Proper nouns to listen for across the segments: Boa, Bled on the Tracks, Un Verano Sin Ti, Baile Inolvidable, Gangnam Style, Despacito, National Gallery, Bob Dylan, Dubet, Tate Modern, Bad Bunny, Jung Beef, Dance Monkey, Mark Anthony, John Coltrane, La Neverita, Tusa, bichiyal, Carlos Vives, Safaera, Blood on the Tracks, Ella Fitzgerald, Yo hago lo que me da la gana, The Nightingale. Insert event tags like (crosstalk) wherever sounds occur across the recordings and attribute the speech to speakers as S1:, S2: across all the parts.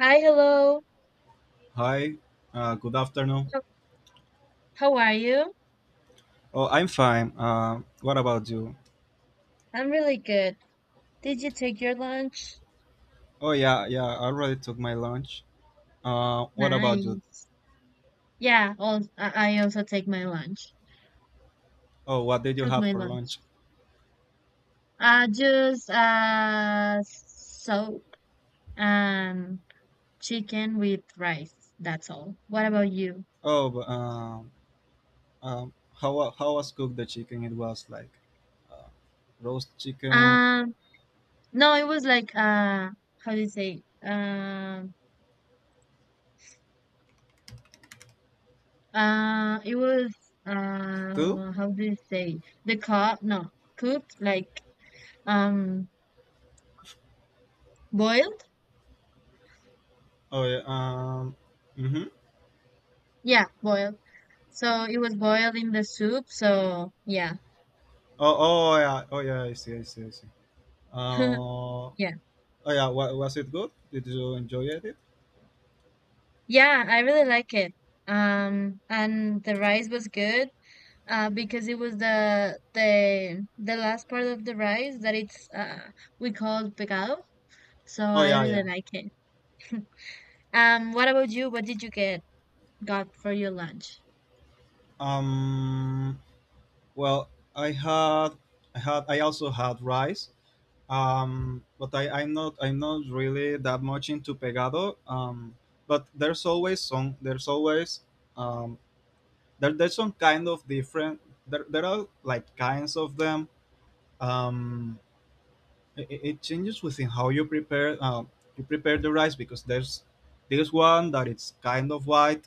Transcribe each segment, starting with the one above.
S1: Hi, hello.
S2: Hi, good afternoon.
S1: How, how are you?
S2: Oh, I'm fine. What about you?
S1: I'm really good. Did you take your lunch?
S2: Oh, yeah, yeah, I already took my lunch. What about you?
S1: Nice. Yeah, all, I also take my lunch.
S2: Oh, what did you
S1: Cook
S2: have
S1: my
S2: for
S1: lunch.
S2: lunch?
S1: Just soap and chicken with rice. That's all. What about you?
S2: Oh, but, how was cooked the chicken? It was like uh, roast chicken
S1: Um, no, it was like how do you say? It was
S2: stew?
S1: how do you say? The cup? No, cooked like um boiled.
S2: Oh, yeah, mm-hmm.
S1: Yeah, boiled. So it was boiled in the soup. So yeah,
S2: Oh, oh, yeah, oh, yeah, I see, I see, I see.
S1: (laughs)
S2: Uh, oh,
S1: yeah,
S2: yeah, was it good? Did you enjoy it?
S1: yeah. I really like it. And the rice was good. Because it was the last part of the rice that it's we called picado. So
S2: Oh,
S1: I
S2: yeah,
S1: really
S2: yeah.
S1: like it. What about you? What did you get got for your lunch?
S2: Um, Well, I had, I also had rice, but I'm not really that much into pegado. But there's always some, There's always, um, there's some kind of different. There are like kinds of them. Um, it changes within how you prepare the rice because there's this one that it's kind of white,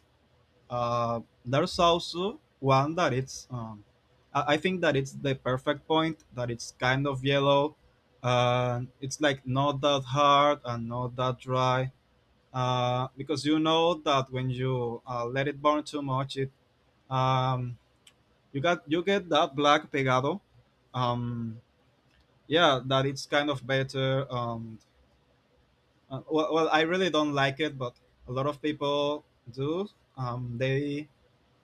S2: there's also one that it's, I think that it's the perfect point, that it's kind of yellow and it's like not that hard and not that dry, because you know that when you let it burn too much it um, you got you get that black pegado. um, yeah, that it's kind of better. Well, I really don't like it, but a lot of people do. um, they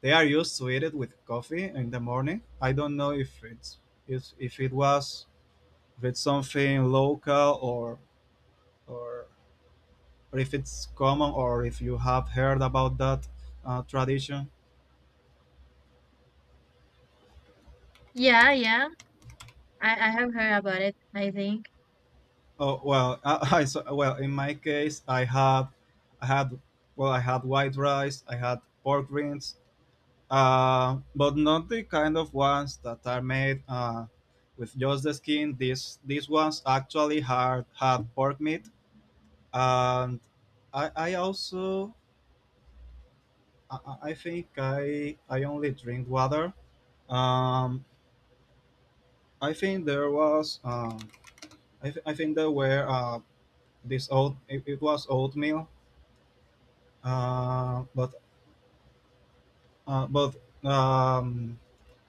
S2: They are used to eat it with coffee in the morning. I don't know if it's, if it was, if it's something local, or, or if it's common, or if you have heard about that tradition.
S1: Yeah, yeah. I have heard about it, I think.
S2: Oh, well, (laughs) well, in my case, I had, well, I had white rice, I had pork rinds, but not the kind of ones that are made with just the skin. These ones actually had pork meat, and I also, I think I only drink water. Um, I think there was, I think there were, this oat, it was oatmeal, uh, but uh, but um,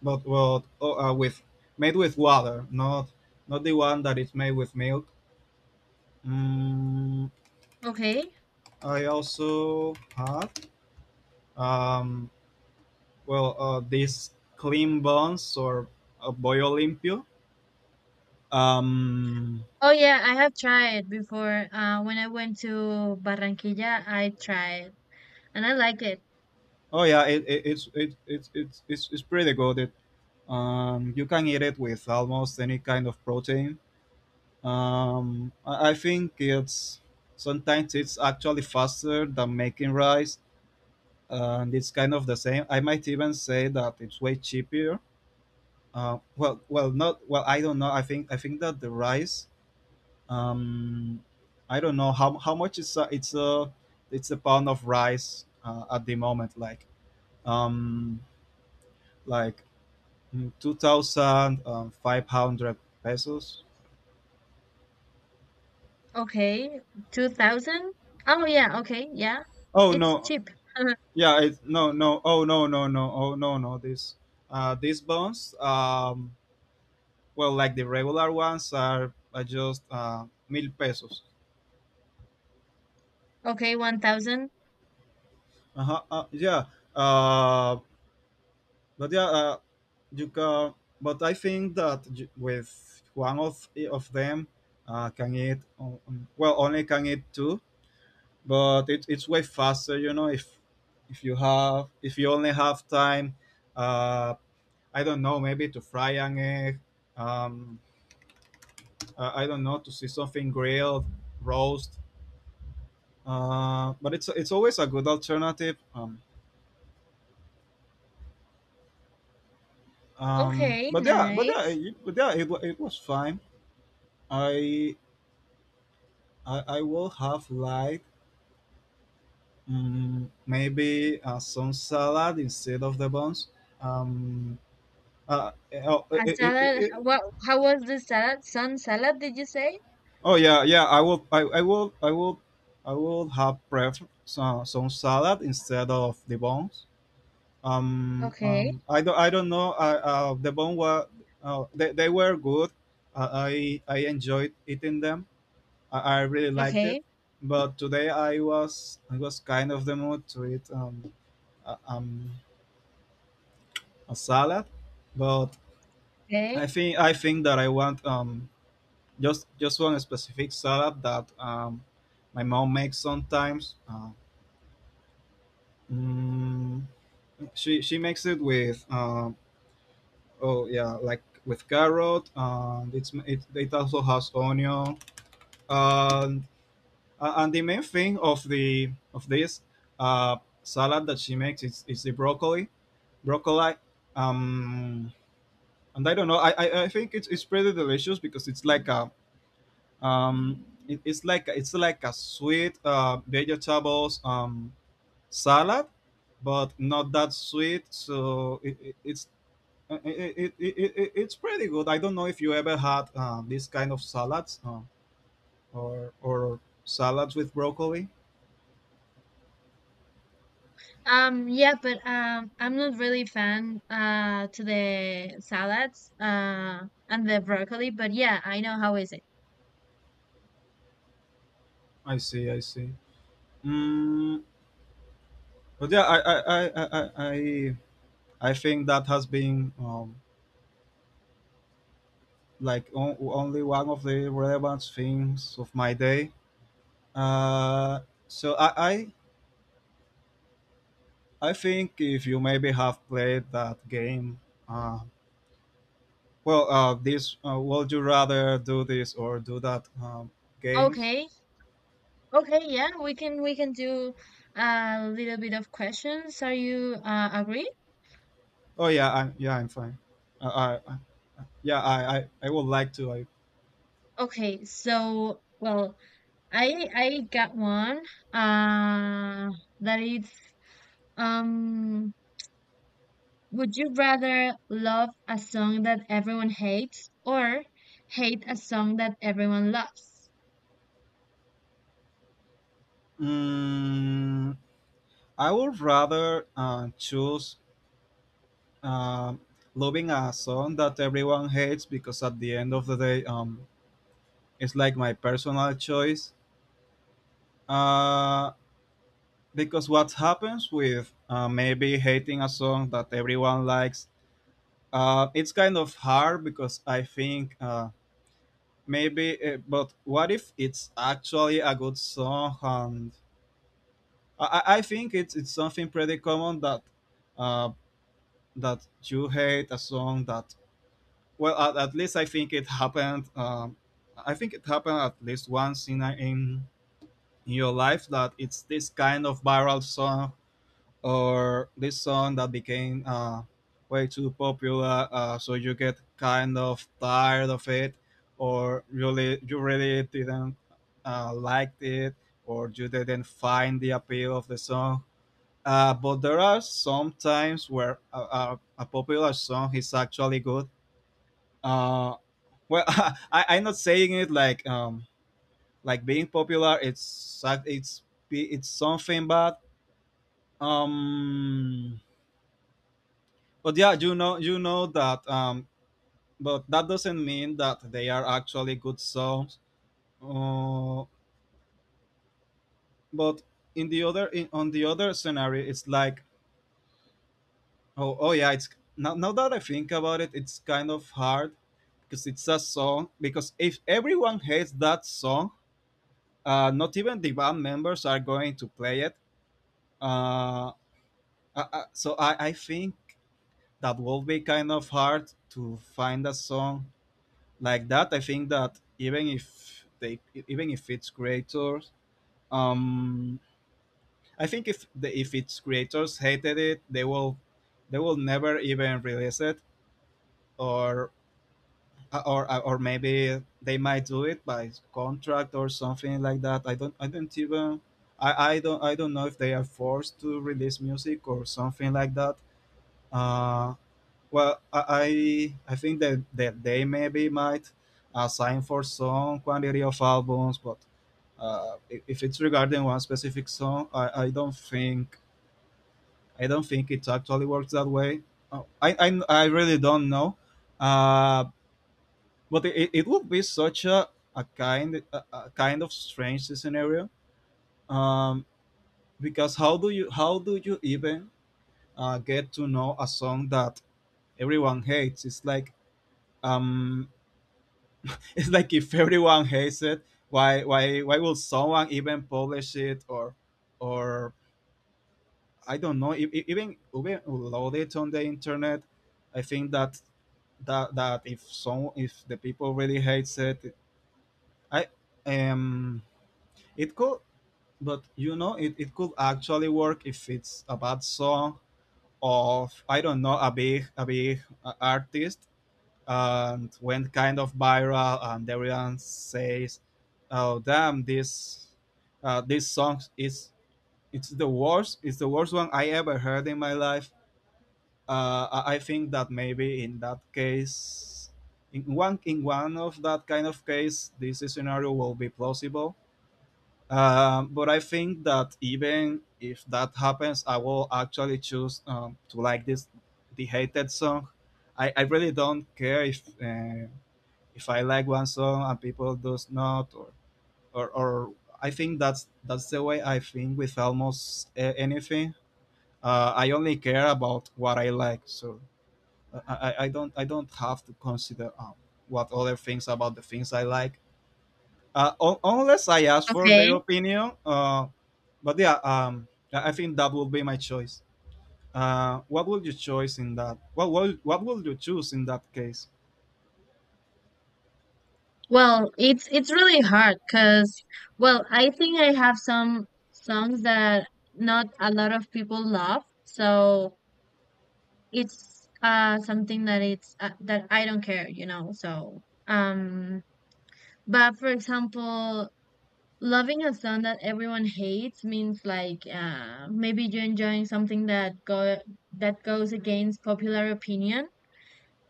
S2: but well oh, with, made with water, not not the one that is made with milk. Mm,
S1: Okay.
S2: I also had, um, well, these clean bones, or a bollo limpio. Um,
S1: Oh yeah, I have tried before. When I went to Barranquilla, I tried and I like it.
S2: oh, yeah, it's pretty good. You can eat it with almost any kind of protein. I think it's, sometimes it's actually faster than making rice, and it's kind of the same. I might even say that it's way cheaper. Not well. I don't know. I think that the rice, um I don't know how much is, it's a pound of rice, at the moment, like, um like 2500 pesos.
S1: Okay. 2000? Oh yeah, okay. Yeah.
S2: Oh,
S1: It's
S2: no.
S1: cheap. (laughs)
S2: No no oh no no no oh no no this, these bonds, well, like the regular ones are just mil pesos.
S1: Okay, 1000.
S2: Uh-huh. Yeah. um But yeah, you can, but I think that, with one of them, can eat, well, only can eat two, but it, it's way faster. You know, if you have if you only have time, uh, I don't know, maybe to fry an egg. Um, I don't know, to see something grilled, roast. But it's always a good alternative.
S1: Okay, nice.
S2: But yeah, it, wa- It was fine. I I would have liked, maybe some salad instead of the buns. Um, uh, uh, oh, it,
S1: A
S2: it, it,
S1: salad.
S2: it-
S1: What? How was the salad? Sun salad? Did you say?
S2: oh, yeah, yeah. I will. I will. I will have prefer some, salad instead of the buns.
S1: Okay.
S2: I don't. I don't know. The bun were, they were good. I enjoyed eating them. I really liked it.
S1: Okay.
S2: But today I was kind of the mood to eat. Uh, um, a salad, but I
S1: Okay.
S2: think, that I want, just one specific salad that, my mom makes sometimes. Mm, she makes it with, oh, yeah, like with carrot, and it's, it also has onion, and and the main thing of the of this salad that she makes is the broccoli. broccoli. Um, and I don't know. I think it's pretty delicious, because it's like a, it's like, a sweet vegetables salad, but not that sweet. So it, it's it, it, it, it, it- it's pretty good. I don't know if you ever had, this kind of salads, or salads with broccoli.
S1: Yeah, but I'm not really fan to the salads and the broccoli. But yeah, I know how is it.
S2: I see. I see. Mm, but yeah, I think that has been, only one of the relevant things of my day. Uh, so I think, if you maybe have played that game, uh, well, this would you rather do this or do that, games?
S1: Okay. Okay. Yeah, we can do a little bit of questions. Are you agree?
S2: Oh, yeah, I'm, yeah, I'm fine. Uh, I, I- yeah, I, I would like to.
S1: Okay. So well, I got one uh that it's um. Would you rather love a song that everyone hates or hate a song that everyone loves?
S2: Mm, I would rather, choose, Um, loving a song that everyone hates, because at the end of the day, it's like my personal choice. Uh, because what happens with, maybe hating a song that everyone likes, it's kind of hard because I think, but what if it's actually a good song? And I think it's something pretty common that, uh, that you hate a song that, well, at least I think it happened. I think it happened at least once in, in your life, that it's this kind of viral song, or this song that became, way too popular, so you get kind of tired of it, or really you really didn't liked it, or you didn't find the appeal of the song, but there are some times where a, a popular song is actually good. uh, well (laughs) I'm not saying it like, like being popular, it's something, but, um but yeah, you know, that, but that doesn't mean that they are actually good songs, uh, but in the other, on the other scenario, it's like, oh, yeah, it's, now, that I think about it, it's kind of hard, because it's a song, because if everyone hates that song, not even the band members are going to play it. Uh, uh, uh, so I, I think that will be kind of hard to find a song like that. I think that even if they, even if its creators, um, I think if the, if its creators hated it, they will never even release it, or, or maybe they might do it by contract or something like that. I don't even. I don't, I don't know if they are forced to release music or something like that. Uh, Well, I think that, that they maybe might assign for some quantity of albums, but, if it's regarding one specific song, I don't think, I don't think it actually works that way. Uh, I, I I really don't know, uh, but it would be such a kind, a kind of strange scenario, um, because how do you, even, get to know a song that everyone hates? It's like, um (laughs) it's like, if everyone hates it, why, why will someone even publish it, or I don't know, even load it on the internet? I think that, that if some, if the people really hates it, I um it could, but you know, it could actually work if it's a bad song of, I don't know, a big, artist, and went kind of viral, and everyone says, oh, damn, this this song is, it's the worst, one I ever heard in my life. I think that maybe in that case, in one, of that kind of case, this scenario will be plausible, but I think that even if that happens, I will actually choose, to like this, the hated song. I really don't care if, if I like one song and people does not, or, or, I think that's, the way I think with almost, anything. I only care about what I like, so, I don't, I don't have to consider, what other things about the things I like, unless I ask for their
S1: Okay.
S2: opinion. But yeah, I think that would be my choice. What would you choose in that? What will you choose in that case?
S1: Well, it's really hard because well, I think I have some songs that not a lot of people love, so it's something that it's that I don't care. Um, but for example, loving a song that everyone hates means like maybe you're enjoying something that goes against popular opinion.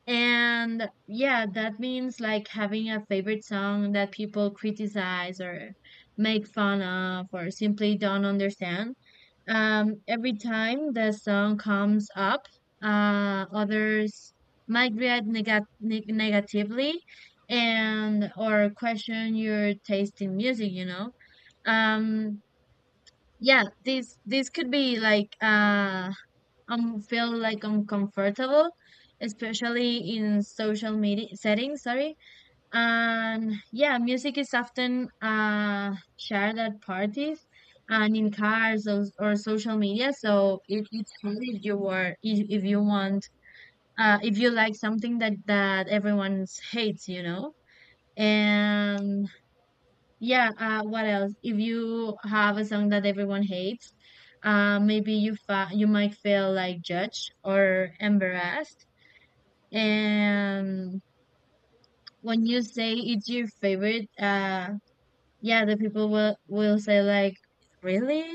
S1: And yeah, that means like having a favorite song that people criticize or make fun of or simply don't understand. Every time the song comes up, others might react negatively and or question your taste in music, um, yeah, this could be like feel like uncomfortable, especially in social media settings, sorry. And yeah, music is often shared at parties and in cars or social media, so it's hard if you want if you like something that everyone hates. And yeah, what else? If you have a song that everyone hates, maybe you might feel like judged or embarrassed. And when you say it's your favorite, yeah, the people will say like, really?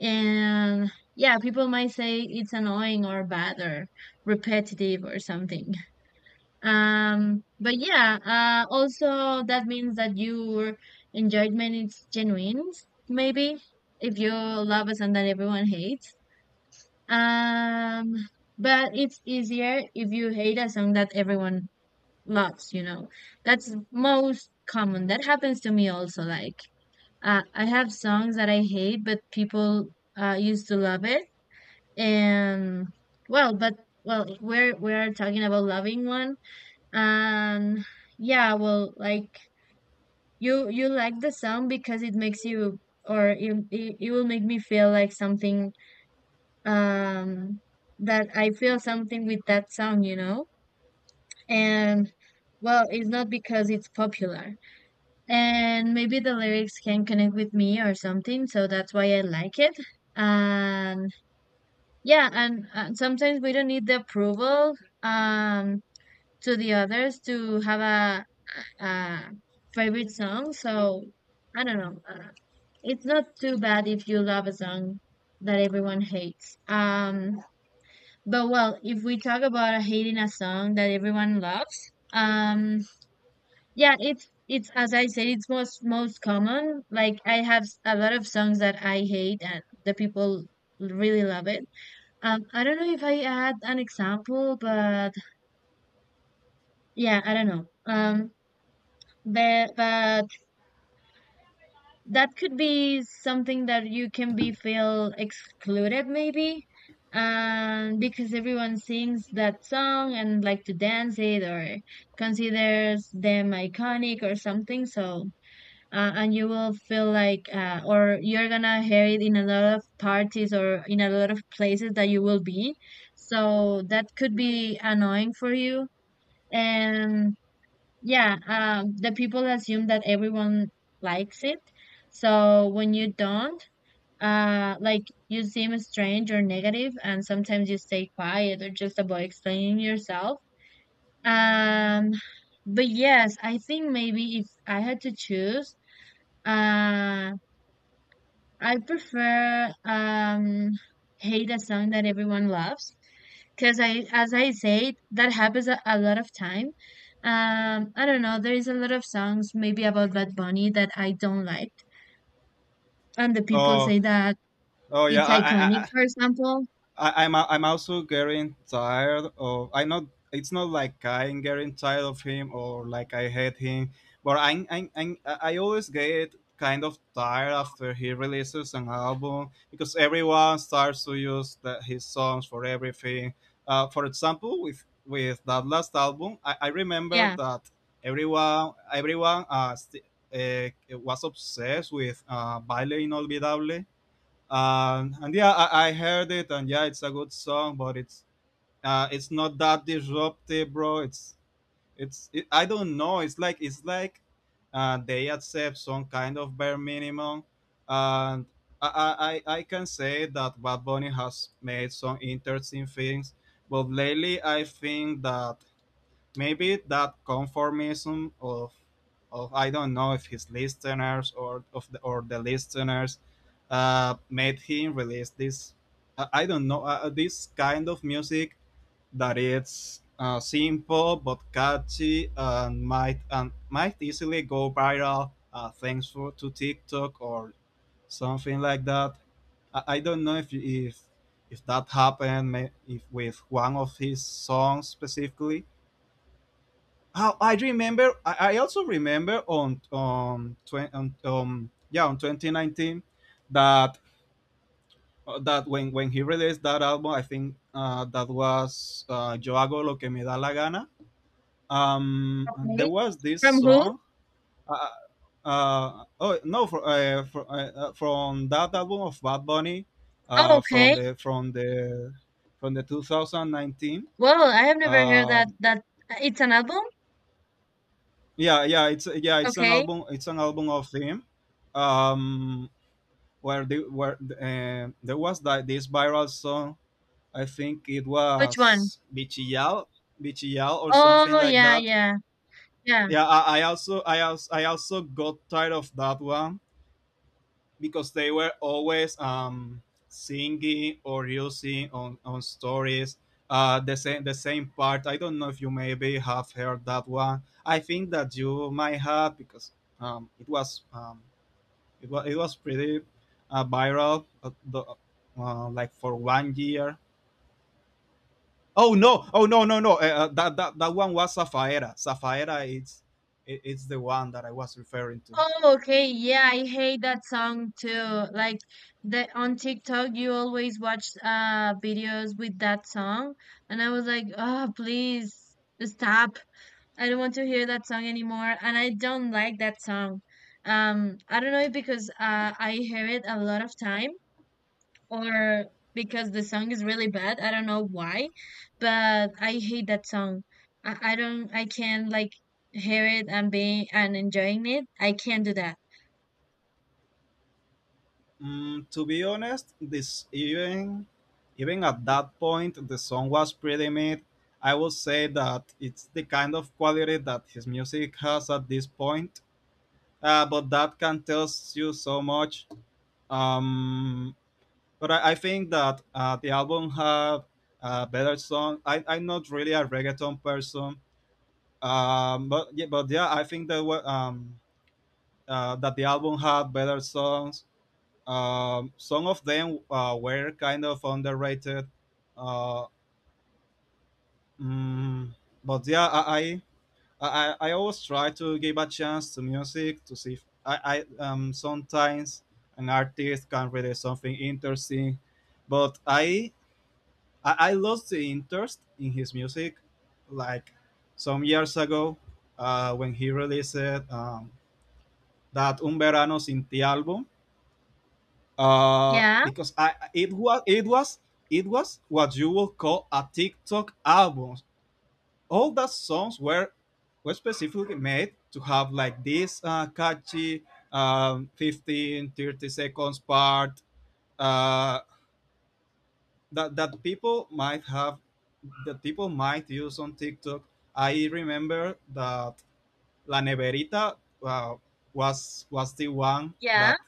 S1: And yeah, people might say it's annoying or bad or repetitive or something. But yeah, also that means that your enjoyment is genuine, maybe, if you love a song that everyone hates. Um, but it's easier if you hate a song that everyone loves. That's most common. That happens to me also. Like, I have songs that I hate, but people used to love it. And well, but well, we're talking about loving one. And yeah, well, like you like the song because it makes you or it will make me feel like something um that I feel something with that song, you know? And well, it's not because it's popular. And maybe the lyrics can connect with me or something, so that's why I like it. And yeah, and sometimes we don't need the approval um to the others to have a uh, favorite song. So I don't know. It's not too bad if you love a song that everyone hates. But well, if we talk about hating a song that everyone loves, yeah, it's as I said, it's most common. Like I have a lot of songs that I hate and the people really love it. I don't know if I had an example, but yeah, I don't know. But that could be something that you can be feel excluded maybe and because everyone sings that song and like to dance it or considers them iconic or something so and you will feel like or you're gonna hear it in a lot of parties or in a lot of places that you will be so that could be annoying for you, yeah. The people assume that everyone likes it. So when you don't, like you seem strange or negative, and sometimes you stay quiet or just avoid explaining yourself. Um, but yes, I think maybe if I had to choose, uh, I prefer hate a song that everyone loves because I as I said that happens a lot of time. I don't know. There is a lot of songs maybe about Bad Bunny that I don't like, and the people
S2: Oh,
S1: say that
S2: oh yeah,
S1: it's
S2: I,
S1: iconic.
S2: I
S1: For example,
S2: I, I'm I'm also getting tired of I not it's not like I'm getting tired of him or like I hate him, but I always get kind of tired after he releases an album because everyone starts to use his songs for everything. For example, with that last album, I remember
S1: yeah.
S2: that everyone uh, was obsessed with Baile Inolvidable. And yeah, I heard it, and yeah, it's a good song, but it's not that disruptive, bro. It's I don't know. It's like they accept some kind of bare minimum, and I can say that Bad Bunny has made some interesting things, but lately I think that maybe that conformism of I don't know if his listeners or of or the listeners made him release this uh, I don't know this kind of music that it's simple but catchy and might easily go viral thanks for to TikTok or something like that. I don't know if if that happened if with one of his songs specifically how I remember, I also remember on 2019 that when he released that album, I think that was Yo hago lo que me da la gana.
S1: Okay.
S2: There was this
S1: From who?
S2: song. Uh, oh no, for, From that album of Bad Bunny,
S1: Oh,
S2: uh, from
S1: okay.
S2: the from the from the 2019.
S1: Well, I have never heard that.
S2: Um
S1: That it's an album.
S2: yeah, yeah, it's it's an
S1: Okay.
S2: album, it's an album of him. um where they where there was that this viral song. I think it
S1: Which one?
S2: was bichiyal, bichiyal, or something
S1: Oh,
S2: like
S1: yeah,
S2: that.
S1: yeah, yeah.
S2: Yeah, I also got tired of that one because they were always singing or using on stories the same part. I don't know if you maybe have heard that one. I think that you might have because um, it was um, it was pretty viral, like for 1 year. Oh no! Oh no! No, no! That one was Safaera. Safaera, it's the one that I was referring to.
S1: Oh, okay. Yeah, I hate that song too. Like the on TikTok, you always watch videos with that song, and I was like, oh, please stop. I don't want to hear that song anymore, and I don't like that song. I don't know if because I hear it a lot of time or because the song is really bad. I don't know why, but I hate that song. I don't. I can't like hear it and being and enjoying it. I can't do that.
S2: To be honest, this even even at that point, the song was pretty mid. I would say that it's the kind of quality that his music has at this point. But that can tell you so much. Um, but I think that the album had a better song. I'm not really a reggaeton person. But yeah, I think that that the album had better songs, some of them were kind of underrated. Uh, mm, but yeah, I always try to give a chance to music to see if I sometimes an artist can release something interesting, but I lost the interest in his music like some years ago when he released um, that Un Verano Sin Ti album
S1: Yeah,
S2: because I it was it was what you would call a TikTok album. All the songs were specifically made to have like this catchy 15 30 seconds part uh, that people might have that people might use on TikTok. I remember that La Neverita uh, was the one
S1: yeah.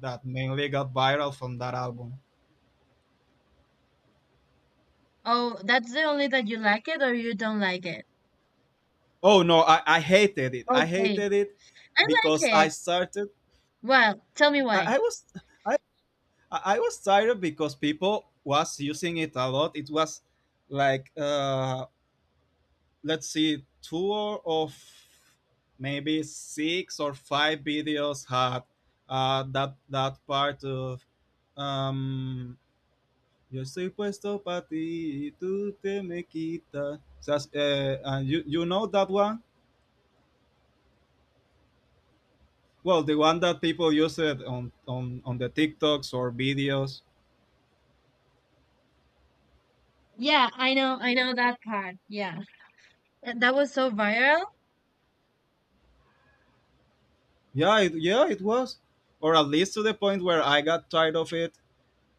S2: that mainly got viral from that album.
S1: Oh, that's the only that you like it or you don't like it.
S2: Oh no, I hated it. I
S1: Okay.
S2: hated it
S1: I
S2: because
S1: like
S2: I
S1: it.
S2: started.
S1: Well, tell me why.
S2: I, I was I I was tired because people was using it a lot. It was like let's see, two of maybe six or five videos had that part of um, yo estoy puesto para ti y tú te me quitas. That's, and you know that one? Well, the one that people use it on the TikToks or videos.
S1: Yeah, I know that part. Yeah. That was so viral.
S2: Yeah, yeah, it was, or at least to the point where I got tired of it.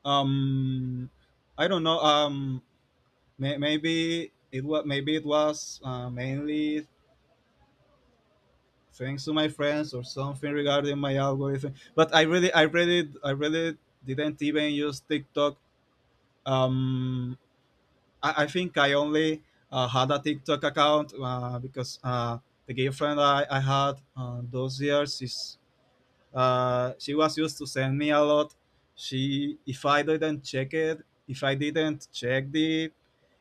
S2: Um, I don't know. May, maybe it was mainly thanks to my friends or something regarding my algorithm. But I really didn't even use TikTok. Um, I think I only had a TikTok account because the girlfriend I had those years is she was used to send me a lot. She If I didn't check it, if I didn't check the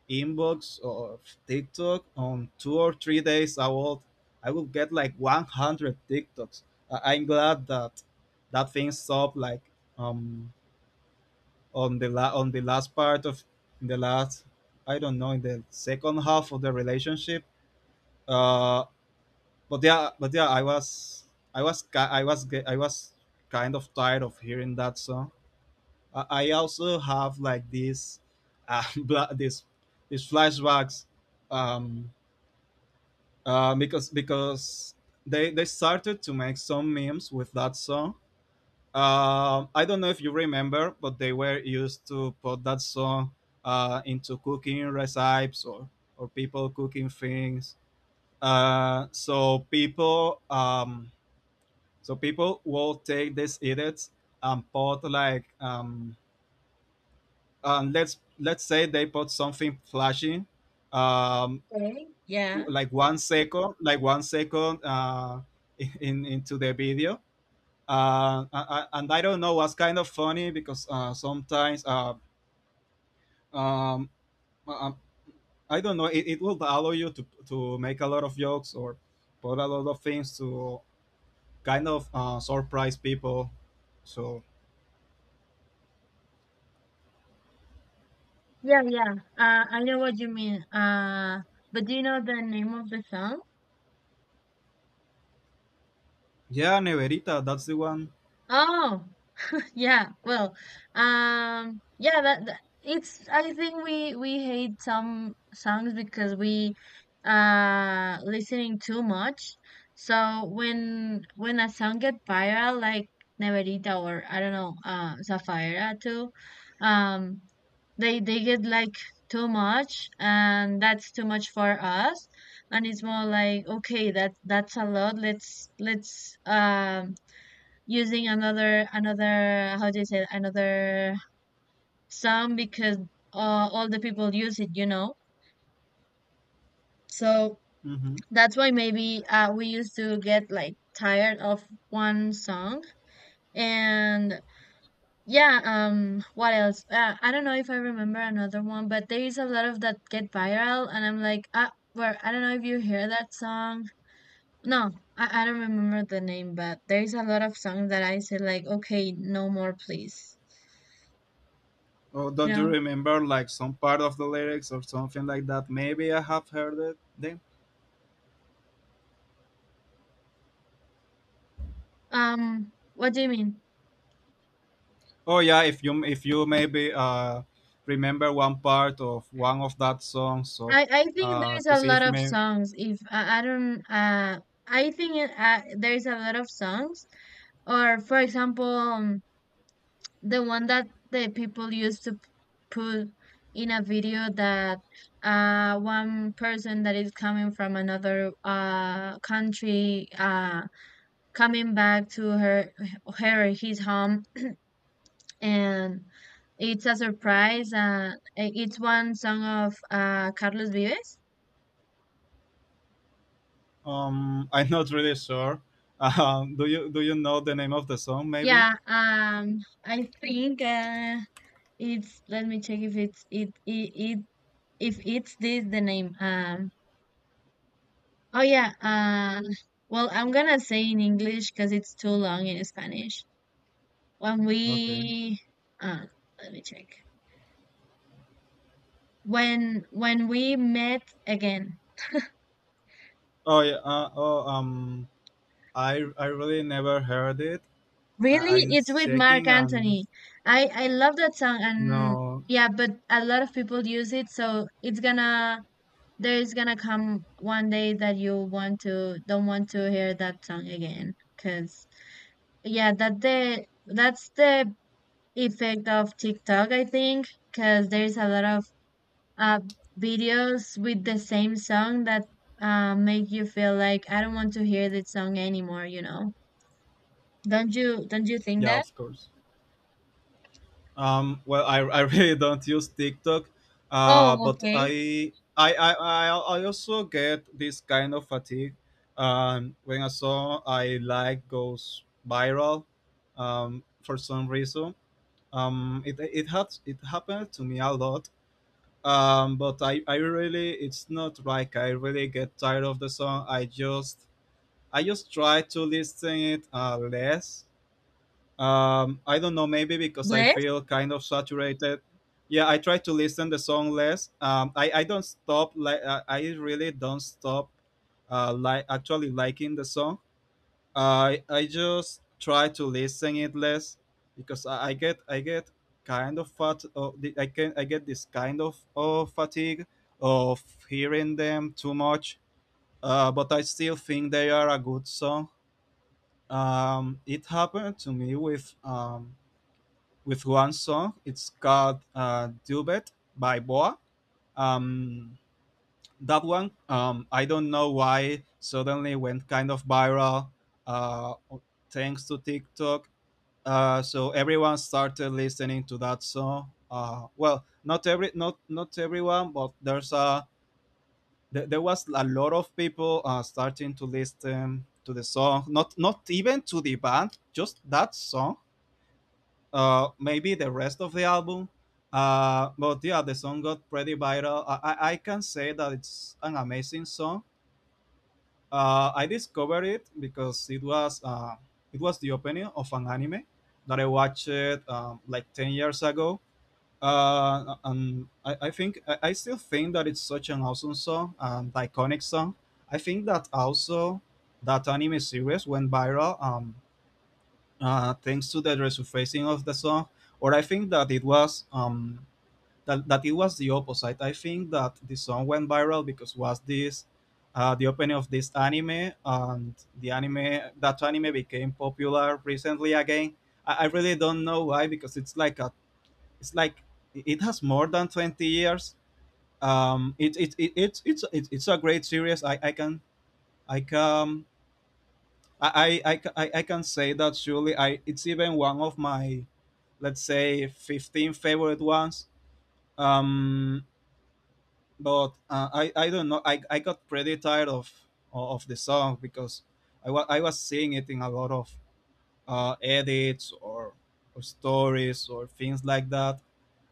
S2: inbox of TikTok on 2 or 3 days, I would get like 100 TikToks. I'm glad that that thing stopped like um on the last part of in the last I don't know, in the second half of the relationship. Uh, but yeah, I was ki- I was ge- I was kind of tired of hearing that song. I also have like this (laughs) this these flashbacks um, because they started to make some memes with that song. I don't know if you remember, but they were used to put that song into cooking recipes or people cooking things. Uh, so people um, so people will take these edits and put like let's say they put something flashing, um,
S1: Okay. Yeah.
S2: like 1 second, into the video. Uh, and I don't know, was kind of funny because sometimes um, um, I don't know, it will allow you to make a lot of jokes or put a lot of things to kind of surprise people. So
S1: Yeah, yeah. I know what you mean. But do you know the name of the song?
S2: yeah, Neverita, that's the one.
S1: Oh, (laughs) Yeah, well, yeah, that it's. I think we hate some songs because we listening too much. So when a song get viral, like Neverita or I don't know, Zafaera too, um, they get like too much, and that's too much for us. And it's more like, okay, that's a lot. Let's using another how do you say it? Another sound because all the people use it. So
S2: hmm
S1: that's why maybe we used to get like tired of one song. And yeah, what else? I don't know if I remember another one. But there is a lot of that get viral and I'm like, ah, where I don't know if you hear that song. No, I don't remember the name. But there is a lot of songs that I say like, okay, no more please
S2: Oh,
S1: you
S2: don't you
S1: know
S2: remember like some part of the lyrics or something like that? Maybe I have heard it then.
S1: What do you mean?
S2: Oh yeah, if you maybe remember one part of one of that song, so
S1: I think there's
S2: to
S1: a
S2: see
S1: lot
S2: if
S1: of songs. If I don't, I think there's a lot of songs. Or for example, the one that the people used to put in a video that one person that is coming from another country coming back to her her his home and it's a surprise. It's one song of Carlos Vives.
S2: (laughs) I'm not really sure. Do you do you know the name of the song? Maybe.
S1: Yeah, I think it's. Let me check if it's it it, it if it's this the name. Oh yeah. Well, I'm gonna say in English because it's too long in Spanish. When
S2: Okay.
S1: we, uh, let me check. When we met again.
S2: Oh yeah. I really never heard it.
S1: Really,
S2: I'm
S1: it's with Mark
S2: checking and
S1: Anthony. I love that song and
S2: no.
S1: yeah, but a lot of people use it, so it's gonna there's gonna come one day that you want to don't want to hear that song again cuz yeah, that's the effect of TikTok, I think, cuz there's a lot of uh videos with the same song that make you feel like I don't want to hear this song anymore. Don't you think
S2: Yeah,
S1: that?
S2: of course. I (laughs) really don't use TikTok. Uh.
S1: Oh,
S2: But
S1: okay.
S2: I I I I, I also get this kind of fatigue. When a song I like goes viral, for some reason it happened to me a lot, but I really it's not like I really get tired of the song, I just try to listen it less. I don't know, maybe because I
S1: Bless.
S2: feel kind of saturated. Yeah, I try to listen the song less. I don't stop like I really don't stop like actually liking the song. I just try to listen it less because I get kind of fat. The- I can I get this kind of fatigue of hearing them too much. But I still think they are a good song. It happened to me with one song. It's called "Dubet" by Boa. Um, that one, I don't know why, suddenly went kind of viral Uh, thanks to TikTok, so everyone started listening to that song. Well, not not everyone, but there's a there was a lot of people starting to listen to the song. Not even to the band, just that song. Maybe the rest of the album. But yeah, the song got pretty viral. I can say that it's an amazing song. I discovered it because it was the opening of an anime that I watched like 10 years ago. And I think I still think that it's such an awesome song and iconic song. I think that also that anime series went viral, thanks to the resurfacing of the song, or I think that it was that it was the opposite. I think that the song went viral because was this the opening of this anime, and the anime that anime became popular recently again. I really don't know why because it's like a it's like it has more than 20 years. It, it, it it's a great series. I can I can I, ca- I can say that surely I it's even one of my let's say 15 favorite ones. Um, but I don't know. I got pretty tired of the song because I was seeing it in a lot of edits or stories or things like that.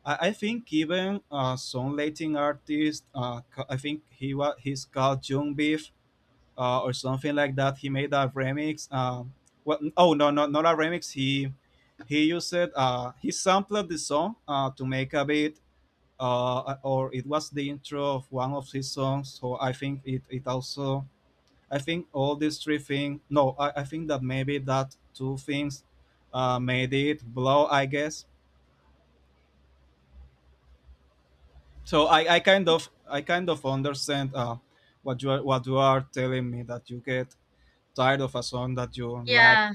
S2: I think even some Latin artist, I think he's called Jung Beef, or something like that. He made a remix. What? Oh no, not a remix. He used he sampled the song to make a beat, or it was the intro of one of his songs. So I think it also, I think all these three things, no, I think that maybe that two things made it blow, I guess. So I kind of understand what you are telling me, that you get tired of a song that you liked
S1: Yeah,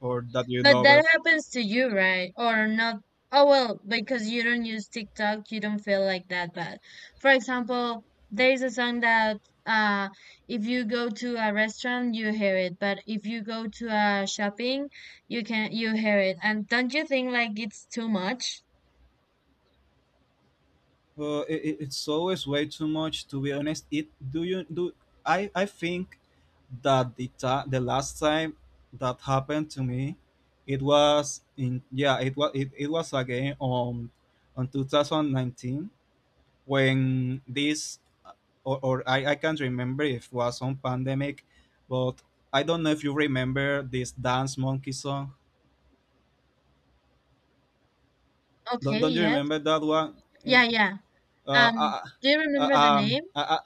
S2: or that you
S1: but
S2: love.
S1: that happens to you, right? Or not? Oh, well, because you don't use TikTok, you don't feel like that bad. For example, there's a song that uh if you go to a restaurant, you hear it, but if you go to a shopping, you hear it. And don't you think like it's too much?
S2: It's always way too much. To be honest, it do you do I think that the last time that happened to me, it was in, it was again on 2019, when this, or I can't remember if it was on pandemic. But I don't know if you remember this Dance Monkey song.
S1: Okay,
S2: Don't you
S1: yes.
S2: remember that one?
S1: Yeah, yeah.
S2: Uh,
S1: Um,
S2: uh,
S1: do you
S2: uh,
S1: remember the
S2: um,
S1: name?
S2: uh, uh,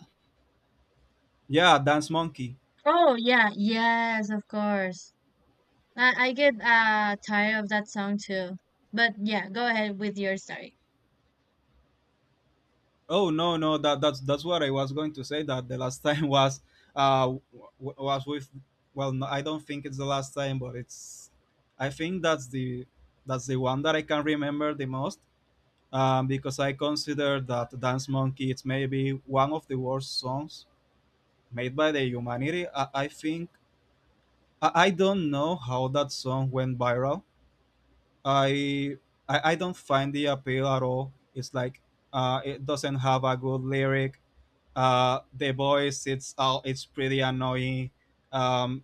S2: yeah, Dance Monkey.
S1: Oh, yeah. Yes, of course. I get tired of that song too. But yeah, go ahead with your story.
S2: Oh no, no, That that's what I was going to say. That the last time (laughs) was uh w- was with, well, no, I don't think it's the last time, but it's, I think that's the, that's the one that I can remember the most, because I consider that Dance Monkey it's maybe one of the worst songs made by the humanity. I don't know how that song went viral. I I don't find the appeal at all. It's like, it doesn't have a good lyric. The voice it's pretty annoying. Um,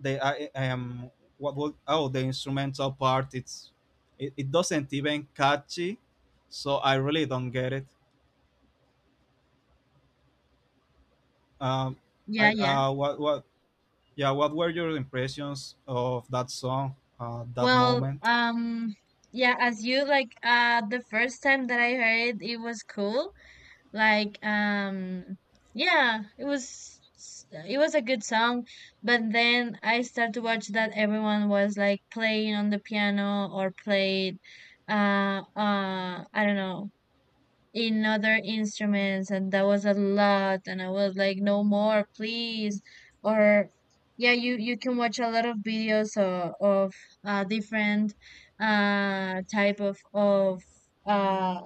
S2: the I am what would oh The instrumental part, it doesn't even catchy, so I really don't get it. Um, I
S1: Yeah, yeah.
S2: what yeah What were your impressions of that song, that
S1: Well,
S2: moment?
S1: yeah, as you like the first time that I heard it, it was cool. Like yeah, it was a good song, but then I started to watch that everyone was like playing on the piano or played uh I don't know in other instruments and that was a lot and I was like no more please or yeah you can watch a lot of videos of different type of uh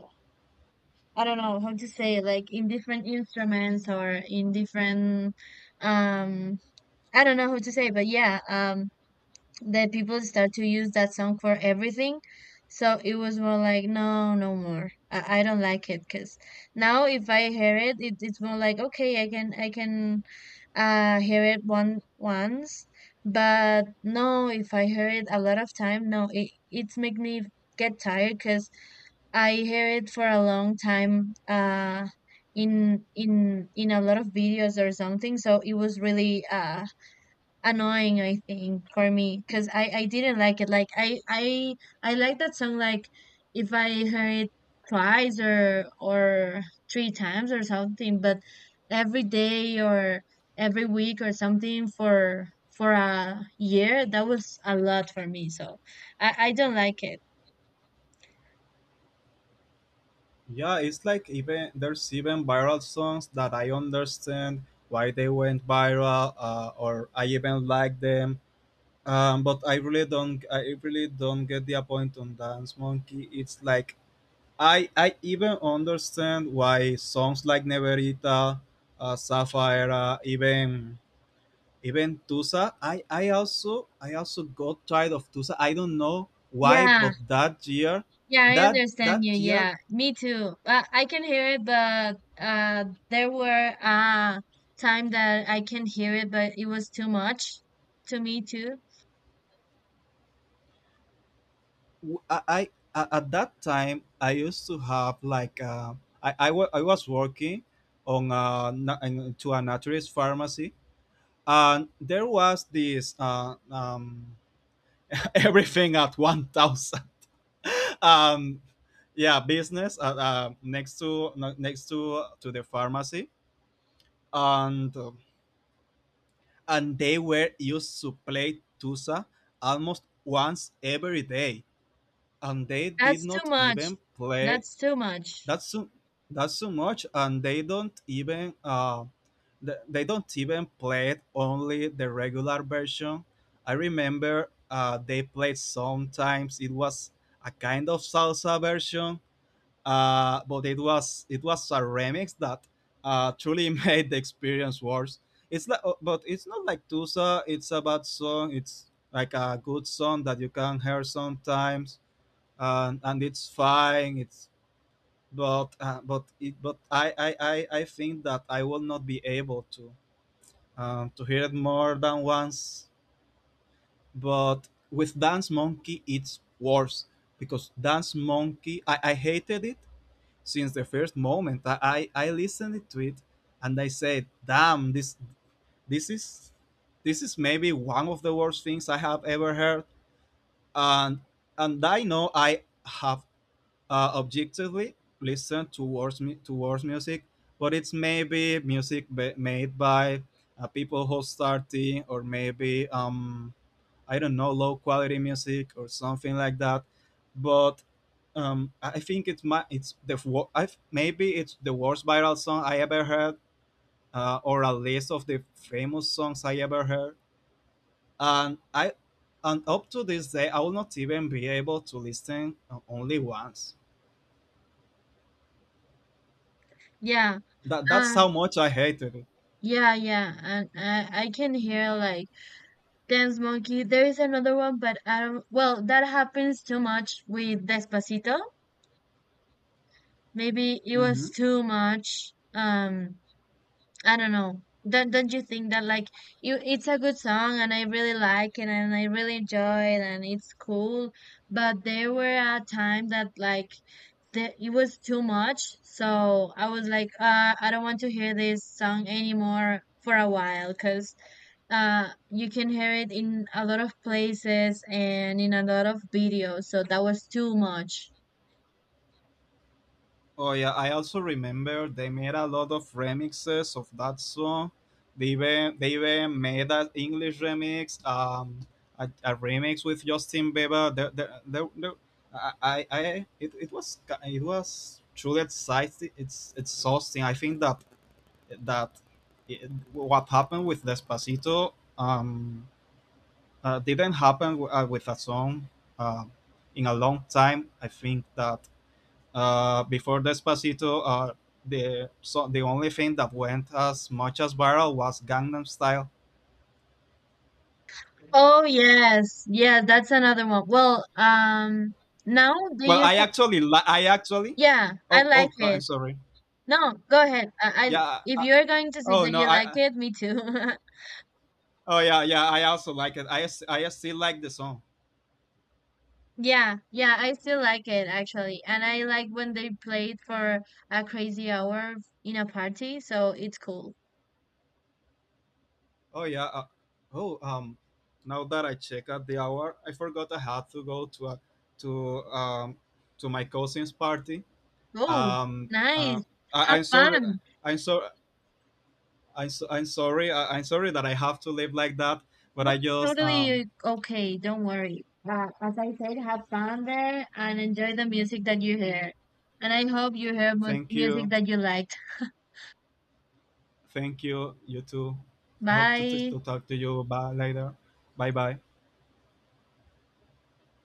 S1: I don't know how to say like in different instruments or in different um I don't know how to say but yeah that people start to use that song for everything. So it was more like, no, no more. I don't like it because now if I hear it, it's more like, okay, I can, hear it once, but no, if I hear it a lot of time, no, it's make me get tired because I hear it for a long time, in a lot of videos or something. So it was really, annoying I think for me because I didn't like it like I like that song like if I heard it twice or three times or something but every day or every week or something for a year that was a lot for me so I don't like it
S2: Yeah, it's like, even there's even viral songs that I understand why they went viral, or I even like them. But I really don't get the point on Dance Monkey. It's like, I even understand why songs like Neverita, Sapphire, even Tusa. I also got tired of Tusa. I don't know why,
S1: yeah.
S2: but that year,
S1: Yeah, I understand
S2: that
S1: you.
S2: year,
S1: Yeah, me too. I can hear it, but there were time that I can hear it, but it was too much to me too.
S2: w- I, I- at that time I used to have like, I was working on, to a naturist pharmacy, and there was this (laughs) everything at 1,000. (laughs) um, yeah, business next to to the pharmacy. and. um, and they were used to play Tusa almost once every day. And they did
S1: That's too
S2: not
S1: much.
S2: even play
S1: That's too much.
S2: that so, that so much, and they don't even they don't even play it only the regular version. I remember they played sometimes it was a kind of salsa version, but it was a remix that truly (laughs) made the experience worse. It's like, but it's not like Tusa. It's a bad song. It's like a good song that you can hear sometimes, and it's fine. It's but it but I think that I will not be able to hear it more than once. But with Dance Monkey, it's worse, because Dance Monkey, I hated it since the first moment. I listened to it and I said, damn, this is this is maybe one of the worst things I have ever heard. And and I know I have, objectively listened towards music, but it's maybe music made by, people who started, or maybe, I don't know, low quality music or something like that. But, I think it's my it's the maybe it's the worst viral song I ever heard, or at least of the famous songs I ever heard. And I and up to this day, I will not even be able to listen, only once.
S1: Yeah.
S2: That's how
S1: Um.
S2: much I hated it.
S1: Yeah. Yeah. And I can hear like Dance Monkey. There is another one, but I don't. Well, that happens too much with Despacito. Maybe it was
S2: Mhm.
S1: too much. I don't know. Don't you think that like you it's a good song and I really like it and I really enjoy it and it's cool, but there were a time that like the, it was too much, so I was like, I don't want to hear this song anymore for a while, cause you can hear it in a lot of places and in a lot of videos, so that was too much.
S2: Oh yeah, I also remember they made a lot of remixes of that song. They even made an English remix, a remix with Justin Bieber. It, it was it was truly exciting. It's exhausting. I think that, that it, what happened with Despacito, um didn't happen with a song, uh, in a long time. I think that, before Despacito, the only thing that went as much as viral was Gangnam Style.
S1: Oh yes, yeah, that's another one. Well, now they
S2: Well,
S1: use.
S2: I actually,
S1: Yeah, I
S2: oh,
S1: like
S2: oh, I'm
S1: it.
S2: sorry.
S1: No, go ahead. I
S2: Yeah.
S1: if you're going to say
S2: Oh
S1: that
S2: no,
S1: you like
S2: I.
S1: it, me too. (laughs)
S2: Oh yeah, yeah. I also like it. I still like the song.
S1: Yeah, yeah, I still like it actually. And I like when they play it for a crazy hour in a party, so it's cool.
S2: Oh yeah. Oh um, Now that I check at the hour, I forgot I had to go to a, to to my cousin's party.
S1: Oh,
S2: Um. Uh,
S1: nice. Have
S2: I'm sorry.
S1: fun.
S2: I'm sorry. I'm sorry. I'm sorry that I have to live like that. But
S1: No,
S2: I
S1: it's
S2: just,
S1: totally okay. Don't worry. As I said, have fun there and enjoy the music that you hear. And I hope you hear mu
S2: thank
S1: music
S2: you,
S1: that you liked.
S2: thank you, you too. I hope
S1: Bye.
S2: to talk to you by later. Bye bye.